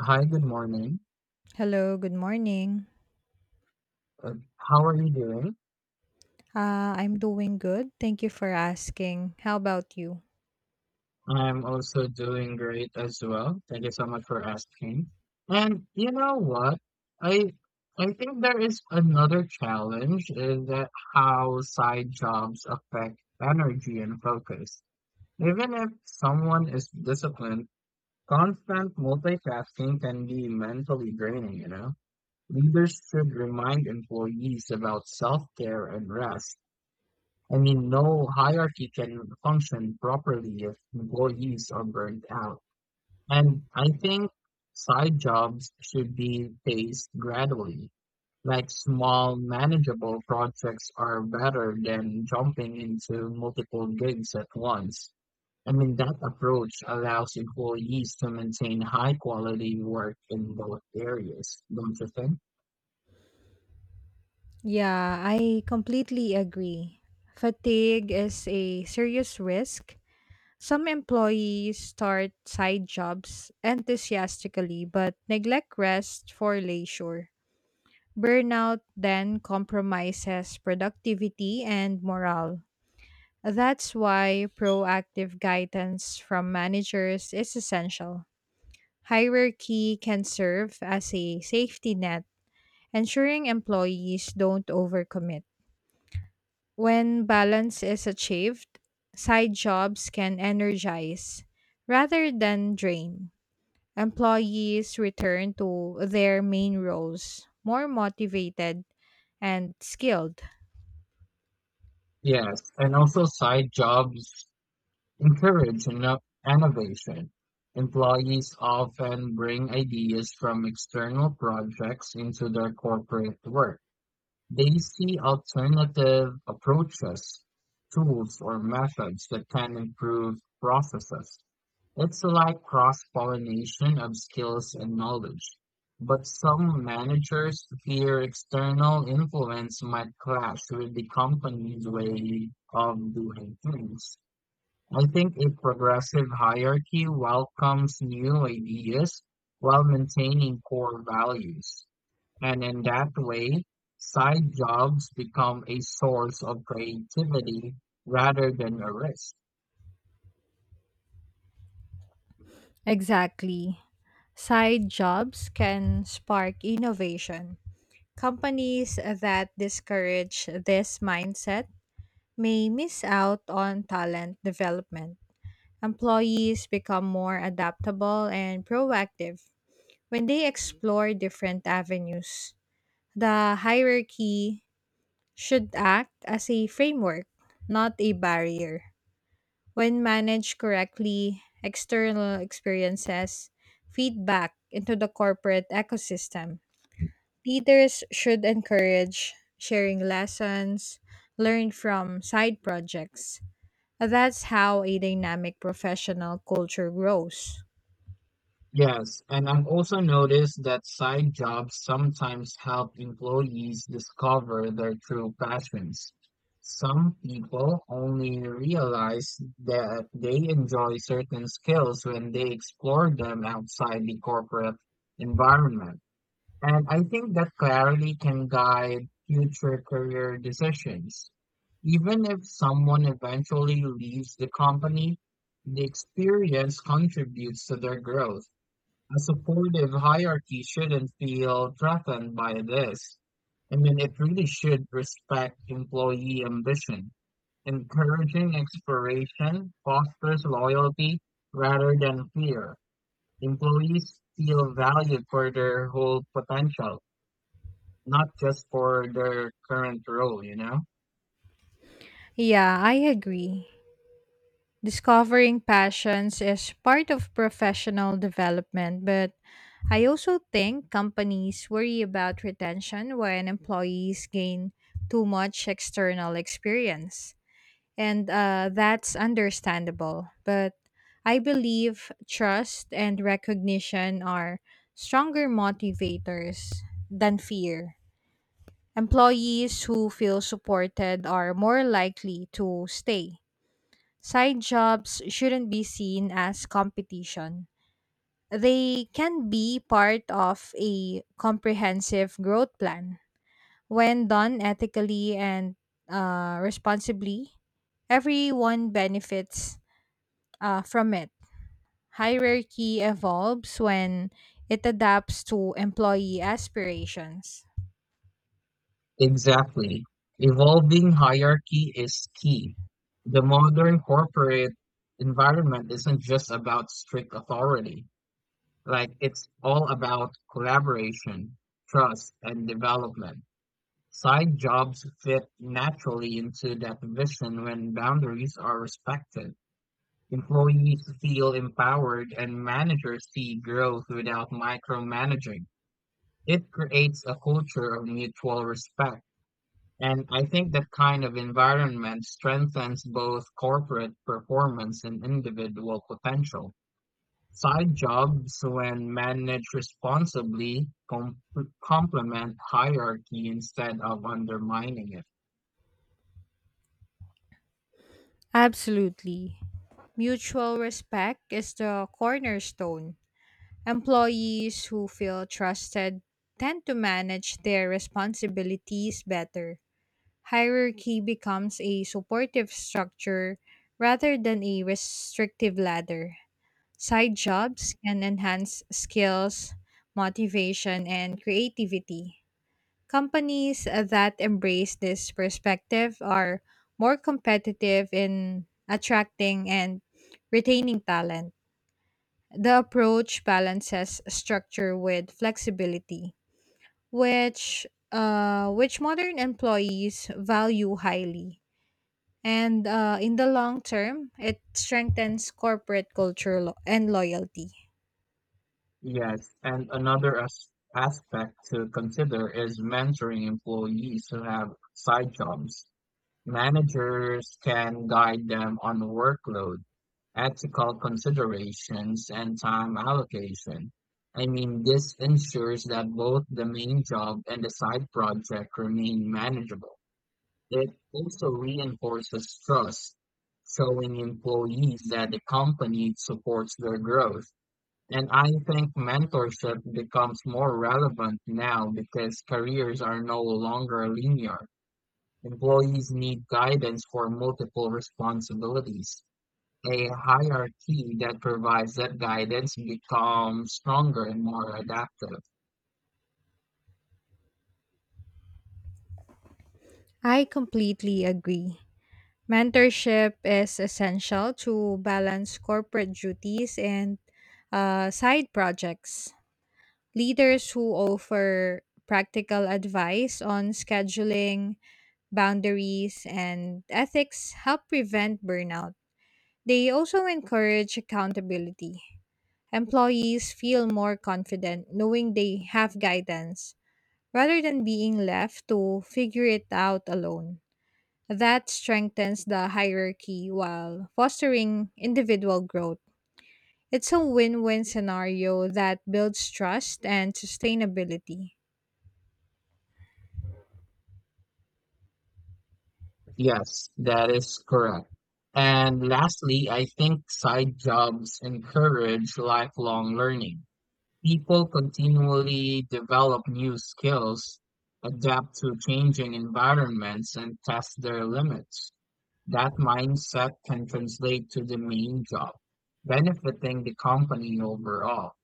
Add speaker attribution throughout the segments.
Speaker 1: Hi, good morning.
Speaker 2: Hello, good morning.
Speaker 1: How are you doing?
Speaker 2: I'm doing good. Thank you for asking. How about you?
Speaker 1: I'm also doing great as well. Thank you so much for asking. And you know what? I I think there is another challenge is that how side jobs affect energy and focus. Even if someone is disciplined, constant multitasking can be mentally draining, you know? Leaders should remind employees about self-care and rest. I mean, no hierarchy can function properly if employees are burnt out. And I think side jobs should be phased gradually. Like small, manageable projects are better than jumping into multiple gigs at once. I mean, that approach allows employees to maintain high quality work in both areas, don't you think?
Speaker 2: Yeah, I completely agree. Fatigue is a serious risk. Some employees start side jobs enthusiastically but neglect rest for leisure. Burnout then compromises productivity and morale. That's why proactive guidance from managers is essential. Hierarchy can serve as a safety net, ensuring employees don't overcommit. When balance is achieved, side jobs can energize rather than drain. Employees return to their main roles more motivated and skilled.
Speaker 1: Yes, and also side jobs Encourage inno- innovation. Employees often bring ideas from external projects into their corporate work. They see alternative approaches, tools, or methods that can improve processes. It's like cross-pollination of skills and knowledge. But some managers fear external influence might clash with the company's way of doing things. I think a progressive hierarchy welcomes new ideas while maintaining core values. And in that way, side jobs become a source of creativity rather than a risk.
Speaker 2: Exactly. Side jobs can spark innovation. Companies that discourage this mindset may miss out on talent development. Employees become more adaptable and proactive when they explore different avenues. The hierarchy should act as a framework, not a barrier. When managed correctly, external experiences feed back into the corporate ecosystem. Leaders should encourage sharing lessons learned from side projects. That's how a dynamic professional culture grows.
Speaker 1: Yes, and I've also noticed that side jobs sometimes help employees discover their true passions. Some people only realize that they enjoy certain skills when they explore them outside the corporate environment. And I think that clarity can guide future career decisions. Even if someone eventually leaves the company, the experience contributes to their growth. A supportive hierarchy shouldn't feel threatened by this. I mean, it really should respect employee ambition. Encouraging exploration fosters loyalty rather than fear. Employees feel valued for their whole potential, not just for their current role, you know?
Speaker 2: Yeah, I agree. Discovering passions is part of professional development, but I also think companies worry about retention when employees gain too much external experience. And That's understandable. But I believe trust and recognition are stronger motivators than fear. Employees who feel supported are more likely to stay. Side jobs shouldn't be seen as competition. They can be part of a comprehensive growth plan. When done ethically and responsibly, everyone benefits from it. Hierarchy evolves when it adapts to employee aspirations.
Speaker 1: Exactly. Evolving hierarchy is key. The modern corporate environment isn't just about strict authority. Like it's all about collaboration, trust, and development. Side jobs fit naturally into that vision when boundaries are respected. Employees feel empowered and managers see growth without micromanaging. It creates a culture of mutual respect. And I think that kind of environment strengthens both corporate performance and individual potential. Side jobs, when managed responsibly, complement hierarchy instead of undermining it.
Speaker 2: Absolutely. Mutual respect is the cornerstone. Employees who feel trusted tend to manage their responsibilities better. Hierarchy becomes a supportive structure rather than a restrictive ladder. Side jobs can enhance skills, motivation, and creativity. Companies that embrace this perspective are more competitive in attracting and retaining talent. The approach balances structure with flexibility, which modern employees value highly. And In the long term, it strengthens corporate culture and loyalty.
Speaker 1: Yes, and another aspect to consider is mentoring employees who have side jobs. Managers can guide them on workload, ethical considerations, and time allocation. I mean, this ensures that both the main job and the side project remain manageable. It also reinforces trust, showing employees that the company supports their growth. And I think mentorship becomes more relevant now because careers are no longer linear. Employees need guidance for multiple responsibilities. A hierarchy that provides that guidance becomes stronger and more adaptive.
Speaker 2: I completely agree. Mentorship is essential to balance corporate duties and side projects. Leaders who offer practical advice on scheduling, boundaries and ethics help prevent burnout. They also encourage accountability. Employees feel more confident knowing they have guidance rather than being left to figure it out alone. That strengthens the hierarchy while fostering individual growth. It's a win win scenario that builds trust and sustainability.
Speaker 1: Yes, that is correct. And lastly, I think side jobs encourage lifelong learning. People continually develop new skills, adapt to changing environments, and test their limits. That mindset can translate to the main job, benefiting the company overall.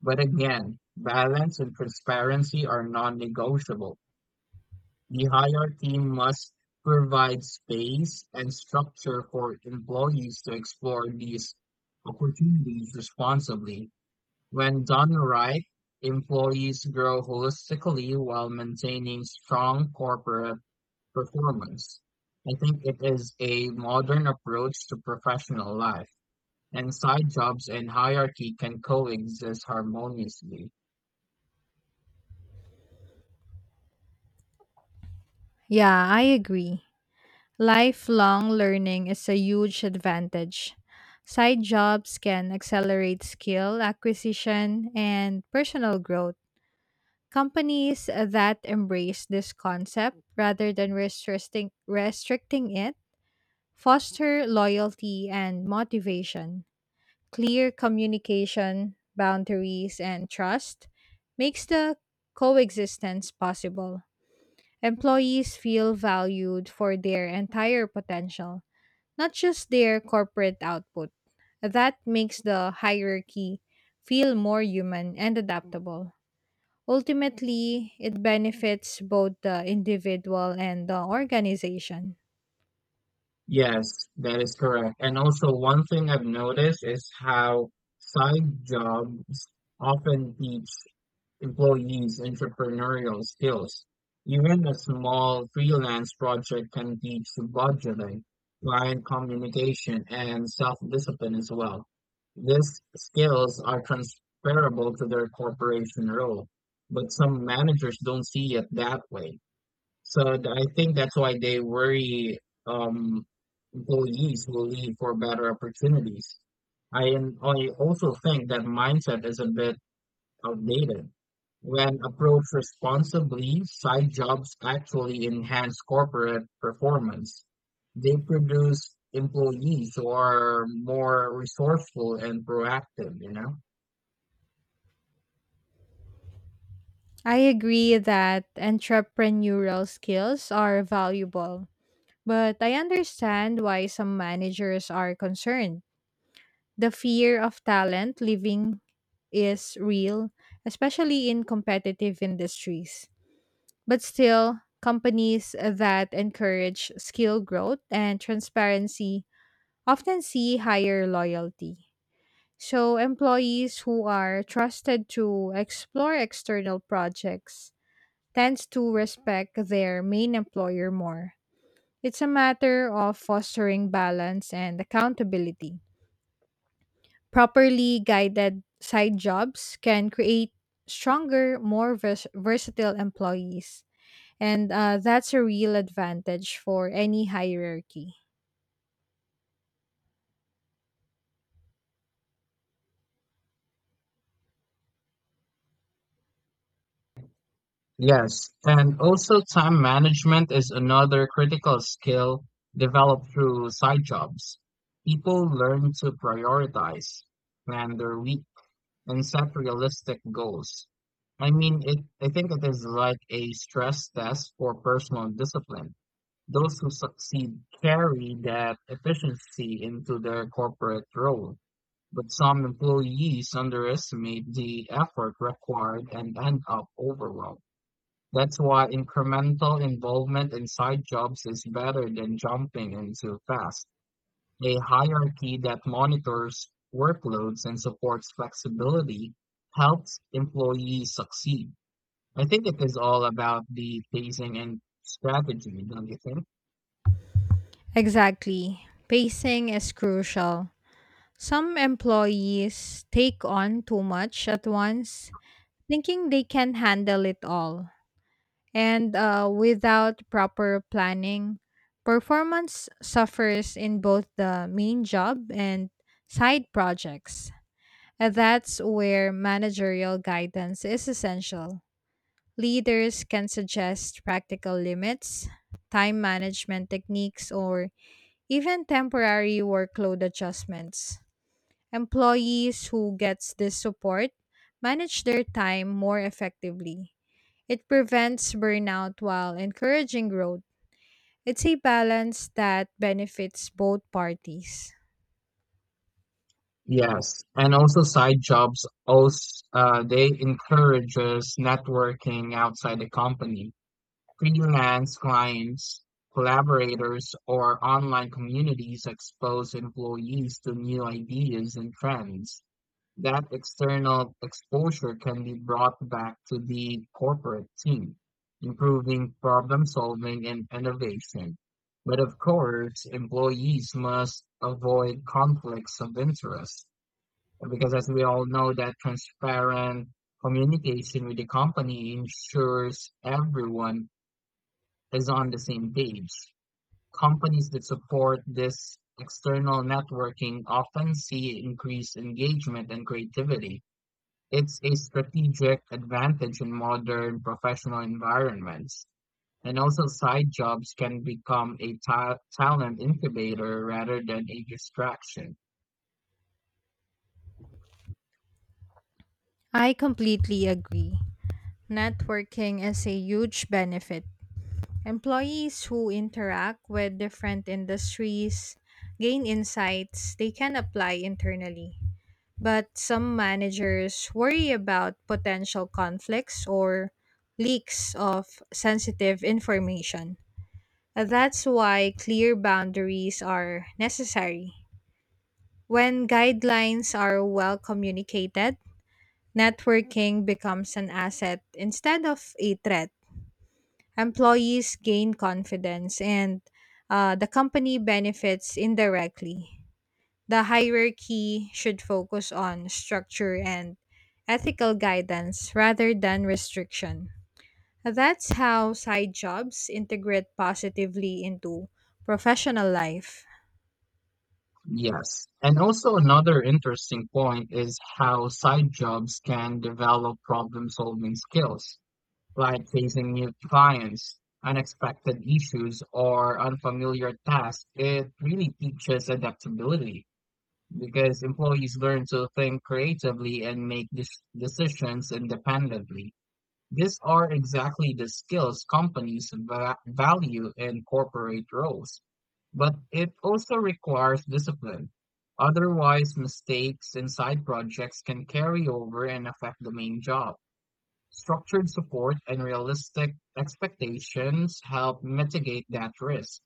Speaker 1: But again, balance and transparency are non-negotiable. The hierarchy must provide space and structure for employees to explore these opportunities responsibly. When done right, employees grow holistically while maintaining strong corporate performance. I think it is a modern approach to professional life, and side jobs and hierarchy can coexist harmoniously.
Speaker 2: Yeah, I agree. Lifelong learning is a huge advantage. Side jobs can accelerate skill acquisition and personal growth. Companies that embrace this concept rather than restricting it foster loyalty and motivation. Clear communication, boundaries, and trust makes the coexistence possible. Employees feel valued for their entire potential, not just their corporate output. That makes the hierarchy feel more human and adaptable. Ultimately, it benefits both the individual and the organization.
Speaker 1: Yes, that is correct. And also, one thing I've noticed is how side jobs often teach employees entrepreneurial skills. Even a small freelance project can teach budgeting, client communication, and self-discipline as well. These skills are transferable to their corporation role, but some managers don't see it that way. So I think that's why they worry um, employees will leave for better opportunities. I also think that mindset is a bit outdated. When approached responsibly, side jobs actually enhance corporate performance. They produce employees who are more resourceful and proactive, you know?
Speaker 2: I agree that entrepreneurial skills are valuable, but I understand why some managers are concerned. The fear of talent leaving is real, especially in competitive industries. But still, companies that encourage skill growth and transparency often see higher loyalty. So, employees who are trusted to explore external projects tends to respect their main employer more. It's a matter of fostering balance and accountability. Properly guided side jobs can create stronger, more versatile employees. And That's a real advantage for any hierarchy.
Speaker 1: Yes, and also time management is another critical skill developed through side jobs. People learn to prioritize, plan their week, and set realistic goals. I think it is like a stress test for personal discipline. Those who succeed carry that efficiency into their corporate role, but some employees underestimate the effort required and end up overwhelmed. That's why incremental involvement in side jobs is better than jumping into fast. A hierarchy that monitors workloads and supports flexibility helps employees succeed. I think it is all about the phasing and strategy, don't you think?
Speaker 2: Exactly. Pacing is crucial. Some employees take on too much at once, thinking they can handle it all. And Without proper planning, performance suffers in both the main job and side projects. And that's where managerial guidance is essential. Leaders can suggest practical limits, time management techniques, or even temporary workload adjustments. Employees who gets this support manage their time more effectively. It prevents burnout while encouraging growth. It's a balance that benefits both parties.
Speaker 1: Yes, and also side jobs, they encourages networking outside the company. Freelance clients, collaborators, or online communities expose employees to new ideas and trends. That external exposure can be brought back to the corporate team, improving problem solving and innovation. But of course, employees must avoid conflicts of interest because, as we all know, that transparent communication with the company ensures everyone is on the same page. Companies that support this external networking often see increased engagement and creativity. It's a strategic advantage in modern professional environments. And also, side jobs can become a talent incubator rather than a distraction.
Speaker 2: I completely agree. Networking is a huge benefit. Employees who interact with different industries gain insights they can apply internally. But some managers worry about potential conflicts or leaks of sensitive information. That's why clear boundaries are necessary. When guidelines are well communicated, networking becomes an asset instead of a threat. Employees gain confidence and the company benefits indirectly. The hierarchy should focus on structure and ethical guidance rather than restriction. That's how side jobs integrate positively into professional life.
Speaker 1: Yes. And also, another interesting point is how side jobs can develop problem solving skills. Like facing new clients, unexpected issues, or unfamiliar tasks, it really teaches adaptability because employees learn to think creatively and make decisions independently. These are exactly the skills companies value in corporate roles, but it also requires discipline. Otherwise, mistakes in side projects can carry over and affect the main job. Structured support and realistic expectations help mitigate that risk.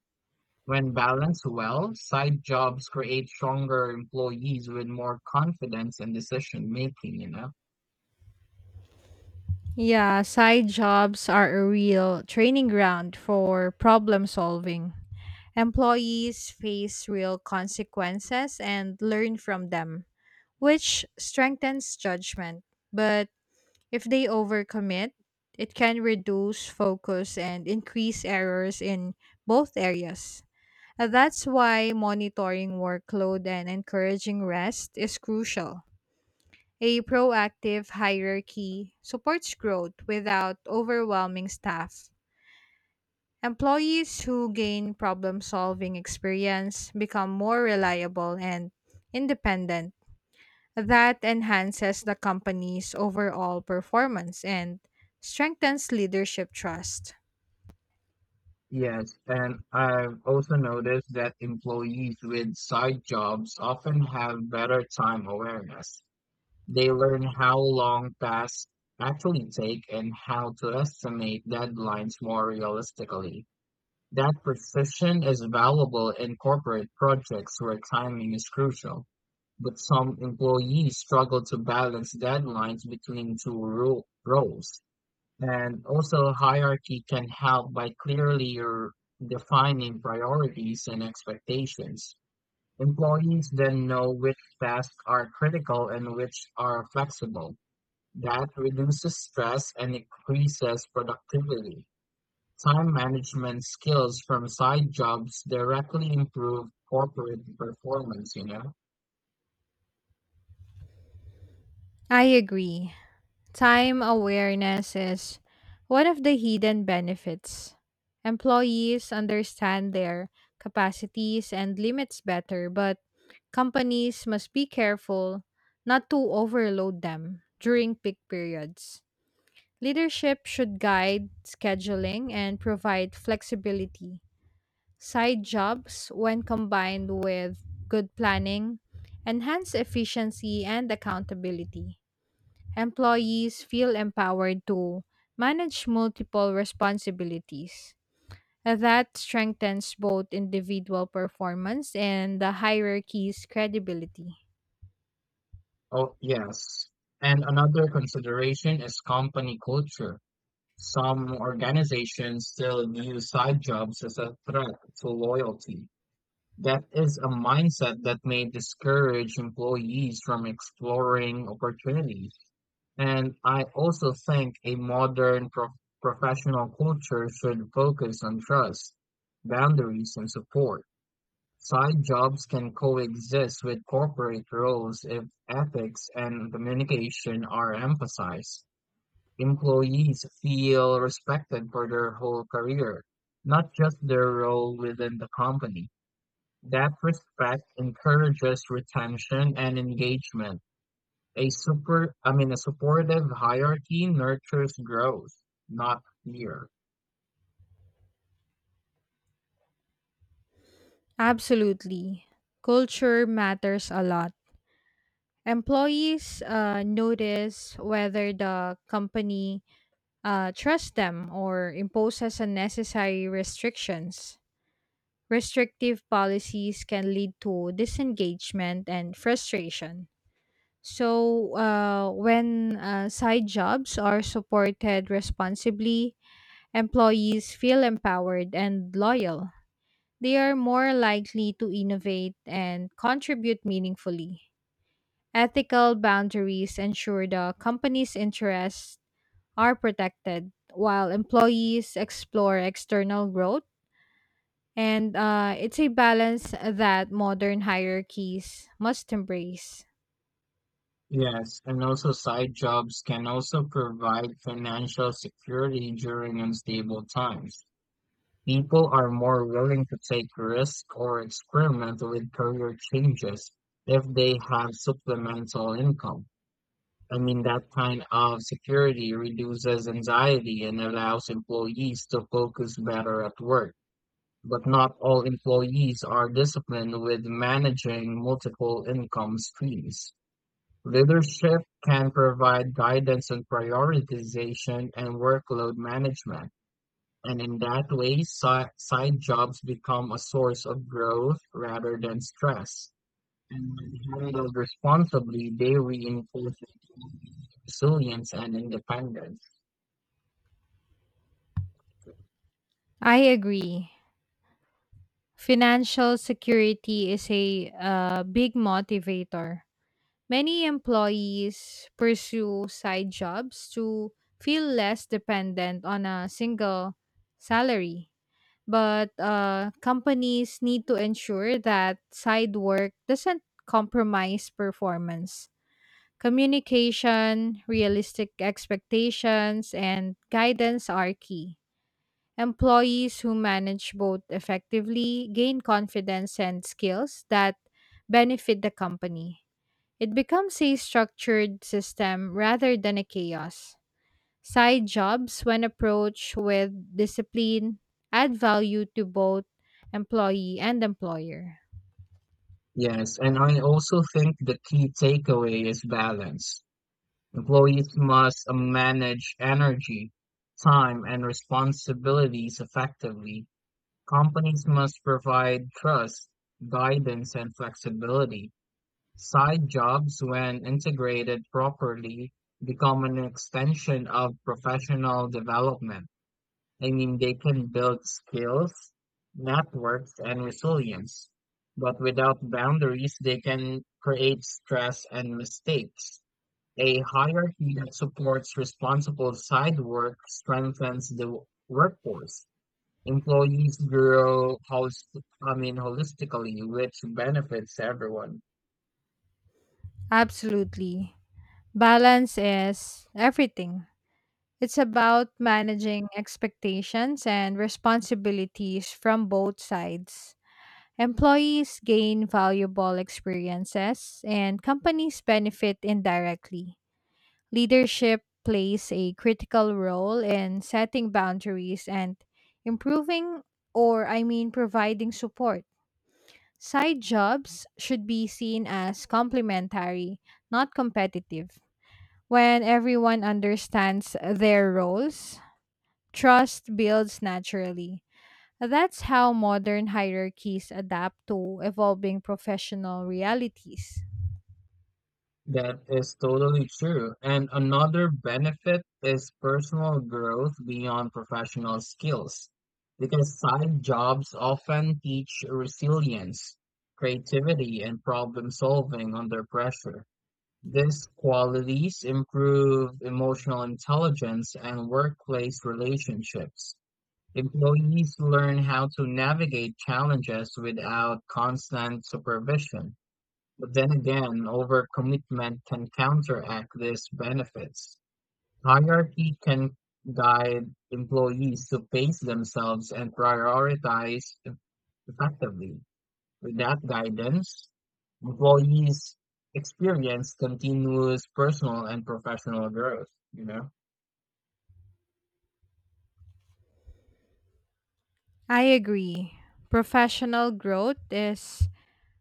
Speaker 1: When balanced well, side jobs create stronger employees with more confidence in decision making, you know?
Speaker 2: Yeah, side jobs are a real training ground for problem solving. Employees face real consequences and learn from them, which strengthens judgment. But if they overcommit, it can reduce focus and increase errors in both areas. And that's why monitoring workload and encouraging rest is crucial. A proactive hierarchy supports growth without overwhelming staff. Employees who gain problem solving experience become more reliable and independent. That enhances the company's overall performance and strengthens leadership trust.
Speaker 1: Yes, and I've also noticed that employees with side jobs often have better time awareness. They learn how long tasks actually take and how to estimate deadlines more realistically. That precision is valuable in corporate projects where timing is crucial, but some employees struggle to balance deadlines between two roles. And also, hierarchy can help by clearly defining priorities and expectations. Employees then know which tasks are critical and which are flexible. That reduces stress and increases productivity. Time management skills from side jobs directly improve corporate performance, you know?
Speaker 2: I agree. Time awareness is one of the hidden benefits. Employees understand their capacities and limits better, but companies must be careful not to overload them during peak periods. Leadership should guide scheduling and provide flexibility. Side jobs, when combined with good planning, enhance efficiency and accountability. Employees feel empowered to manage multiple responsibilities. That strengthens both individual performance and the hierarchy's credibility.
Speaker 1: Oh, yes. And another consideration is company culture. Some organizations still view side jobs as a threat to loyalty. That is a mindset that may discourage employees from exploring opportunities. And I also think a modern professional culture should focus on trust, boundaries, and support. Side jobs can coexist with corporate roles if ethics and communication are emphasized. Employees feel respected for their whole career, not just their role within the company. That respect encourages retention and engagement. I mean, a supportive hierarchy nurtures growth, not fear.
Speaker 2: Absolutely. Culture matters a lot. Employees notice whether the company trust them or imposes unnecessary restrictions. Restrictive policies can lead to disengagement and frustration. So, when side jobs are supported responsibly, employees feel empowered and loyal. They are more likely to innovate and contribute meaningfully. Ethical boundaries ensure the company's interests are protected while employees explore external growth. And It's a balance that modern hierarchies must embrace.
Speaker 1: Yes, and also side jobs can also provide financial security during unstable times. People are more willing to take risks or experiment with career changes if they have supplemental income. I mean, that kind of security reduces anxiety and allows employees to focus better at work. But not all employees are disciplined with managing multiple income streams. Leadership can provide guidance on prioritization and workload management, and in that way, side jobs become a source of growth rather than stress. And when handled responsibly, they reinforce resilience and independence.
Speaker 2: I agree. Financial security is a big motivator. Many employees pursue side jobs to feel less dependent on a single salary. But companies need to ensure that side work doesn't compromise performance. Communication, realistic expectations, and guidance are key. Employees who manage both effectively gain confidence and skills that benefit the company. It becomes a structured system rather than a chaos. Side jobs, when approached with discipline, add value to both employee and employer.
Speaker 1: Yes, and I also think the key takeaway is balance. Employees must manage energy, time, and responsibilities effectively. Companies must provide trust, guidance, and flexibility. Side jobs, when integrated properly, become an extension of professional development. I mean, they can build skills, networks, and resilience. But without boundaries, they can create stress and mistakes. A hierarchy that supports responsible side work strengthens the workforce. Employees grow I mean, holistically, which benefits everyone.
Speaker 2: Absolutely. Balance is everything. It's about managing expectations and responsibilities from both sides. Employees gain valuable experiences, and companies benefit indirectly. Leadership plays a critical role in setting boundaries and improving, or I mean, providing support. Side jobs should be seen as complementary, not competitive. When everyone understands their roles, trust builds naturally. That's how modern hierarchies adapt to evolving professional realities.
Speaker 1: That is totally true. And another benefit is personal growth beyond professional skills, because side jobs often teach resilience, creativity, and problem solving under pressure. These qualities improve emotional intelligence and workplace relationships. Employees learn how to navigate challenges without constant supervision. But then again, overcommitment can counteract these benefits. Hierarchy can guide employees to pace themselves and prioritize effectively. Without guidance, employees experience continuous personal and professional growth, you know?
Speaker 2: I agree. Professional growth is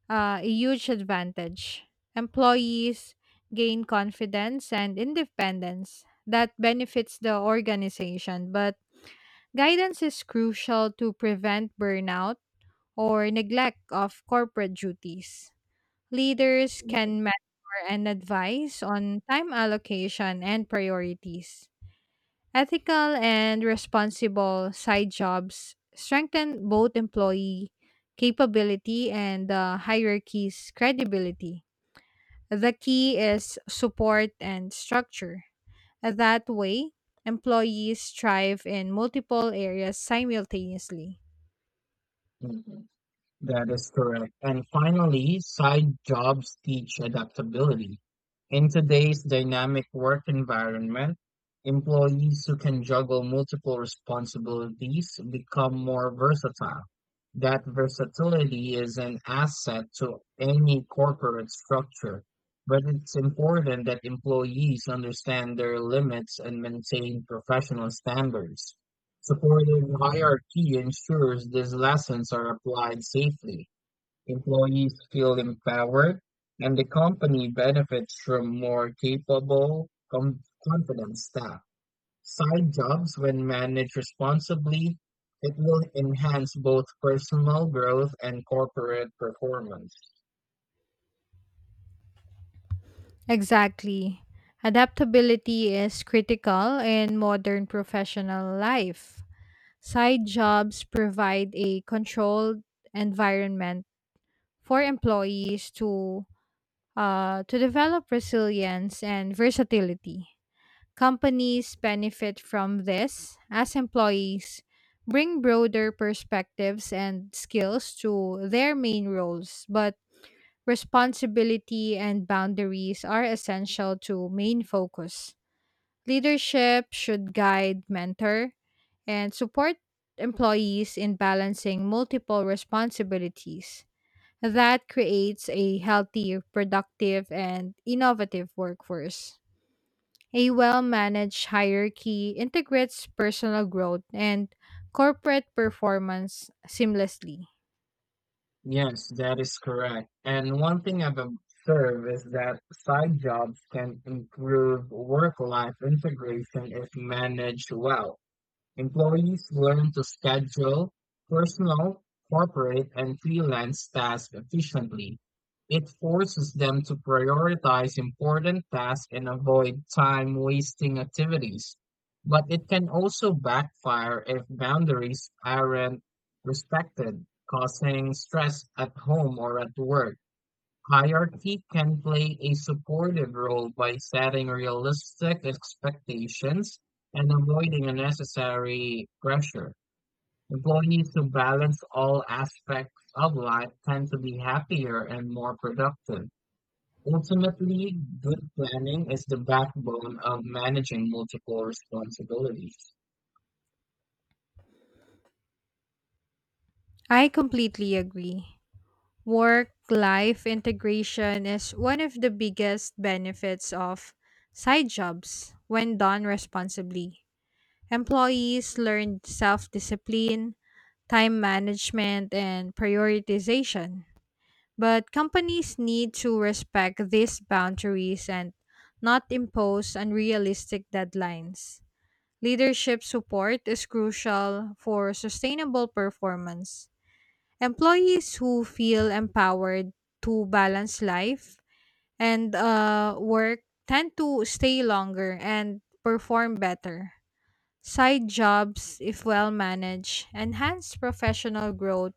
Speaker 2: a huge advantage. Employees gain confidence and independence that benefits the organization, but guidance is crucial to prevent burnout or neglect of corporate duties. Leaders can mentor and advise on time allocation and priorities. Ethical and responsible side jobs strengthen both employee capability and the hierarchy's credibility. The key is support and structure. That way, employees thrive in multiple areas simultaneously.
Speaker 1: Mhm. That is correct. And finally, side jobs teach adaptability. In today's dynamic work environment, employees who can juggle multiple responsibilities become more versatile. That versatility is an asset to any corporate structure, but it's important that employees understand their limits and maintain professional standards. Supportive hierarchy ensures these lessons are applied safely, employees feel empowered, and the company benefits from more capable, confident staff. Side jobs, when managed responsibly, it will enhance both personal growth and corporate performance.
Speaker 2: Exactly. Adaptability is critical in modern professional life. Side jobs provide a controlled environment for employees to to develop resilience and versatility. Companies benefit from this as employees bring broader perspectives and skills to their main roles, but responsibility and boundaries are essential to main focus. Leadership should guide, mentor, and support employees in balancing multiple responsibilities. That creates a healthy, productive, and innovative workforce. A well managed hierarchy integrates personal growth and corporate performance seamlessly.
Speaker 1: Yes, that is correct. And one thing I've observed is that side jobs can improve work-life integration if managed well. Employees learn to schedule personal, corporate, and freelance tasks efficiently. It forces them to prioritize important tasks and avoid time wasting activities. But it can also backfire if boundaries aren't respected, causing stress at home or at work. Hierarchy can play a supportive role by setting realistic expectations and avoiding unnecessary pressure. Employees who balance all aspects of life tend to be happier and more productive. Ultimately, good planning is the backbone of managing multiple responsibilities.
Speaker 2: I completely agree. Work life integration is one of the biggest benefits of side jobs when done responsibly. Employees learn self discipline, time management, and prioritization. But companies need to respect these boundaries and not impose unrealistic deadlines. Leadership support is crucial for sustainable performance. Employees who feel empowered to balance life and work tend to stay longer and perform better. Side jobs, if well managed, enhance professional growth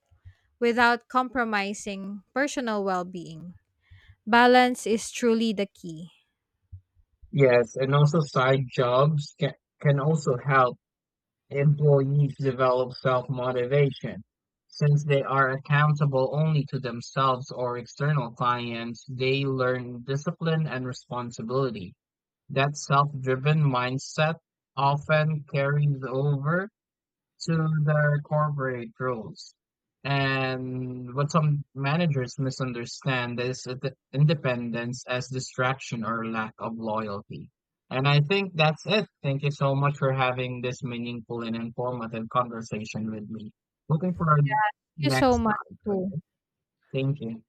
Speaker 2: without compromising personal well being. Balance is truly the key.
Speaker 1: Yes, and also side jobs can also help employees develop self-motivation. Since they are accountable only to themselves or external clients, they learn discipline and responsibility. That self-driven mindset often carries over to the corporate rules. And what some managers misunderstand is the independence as distraction or lack of loyalty. And I think that's it. Thank you so much for having this meaningful and informative conversation with me. Looking forward
Speaker 2: Thank you so
Speaker 1: next
Speaker 2: much
Speaker 1: time.
Speaker 2: too.
Speaker 1: Okay? Thank you.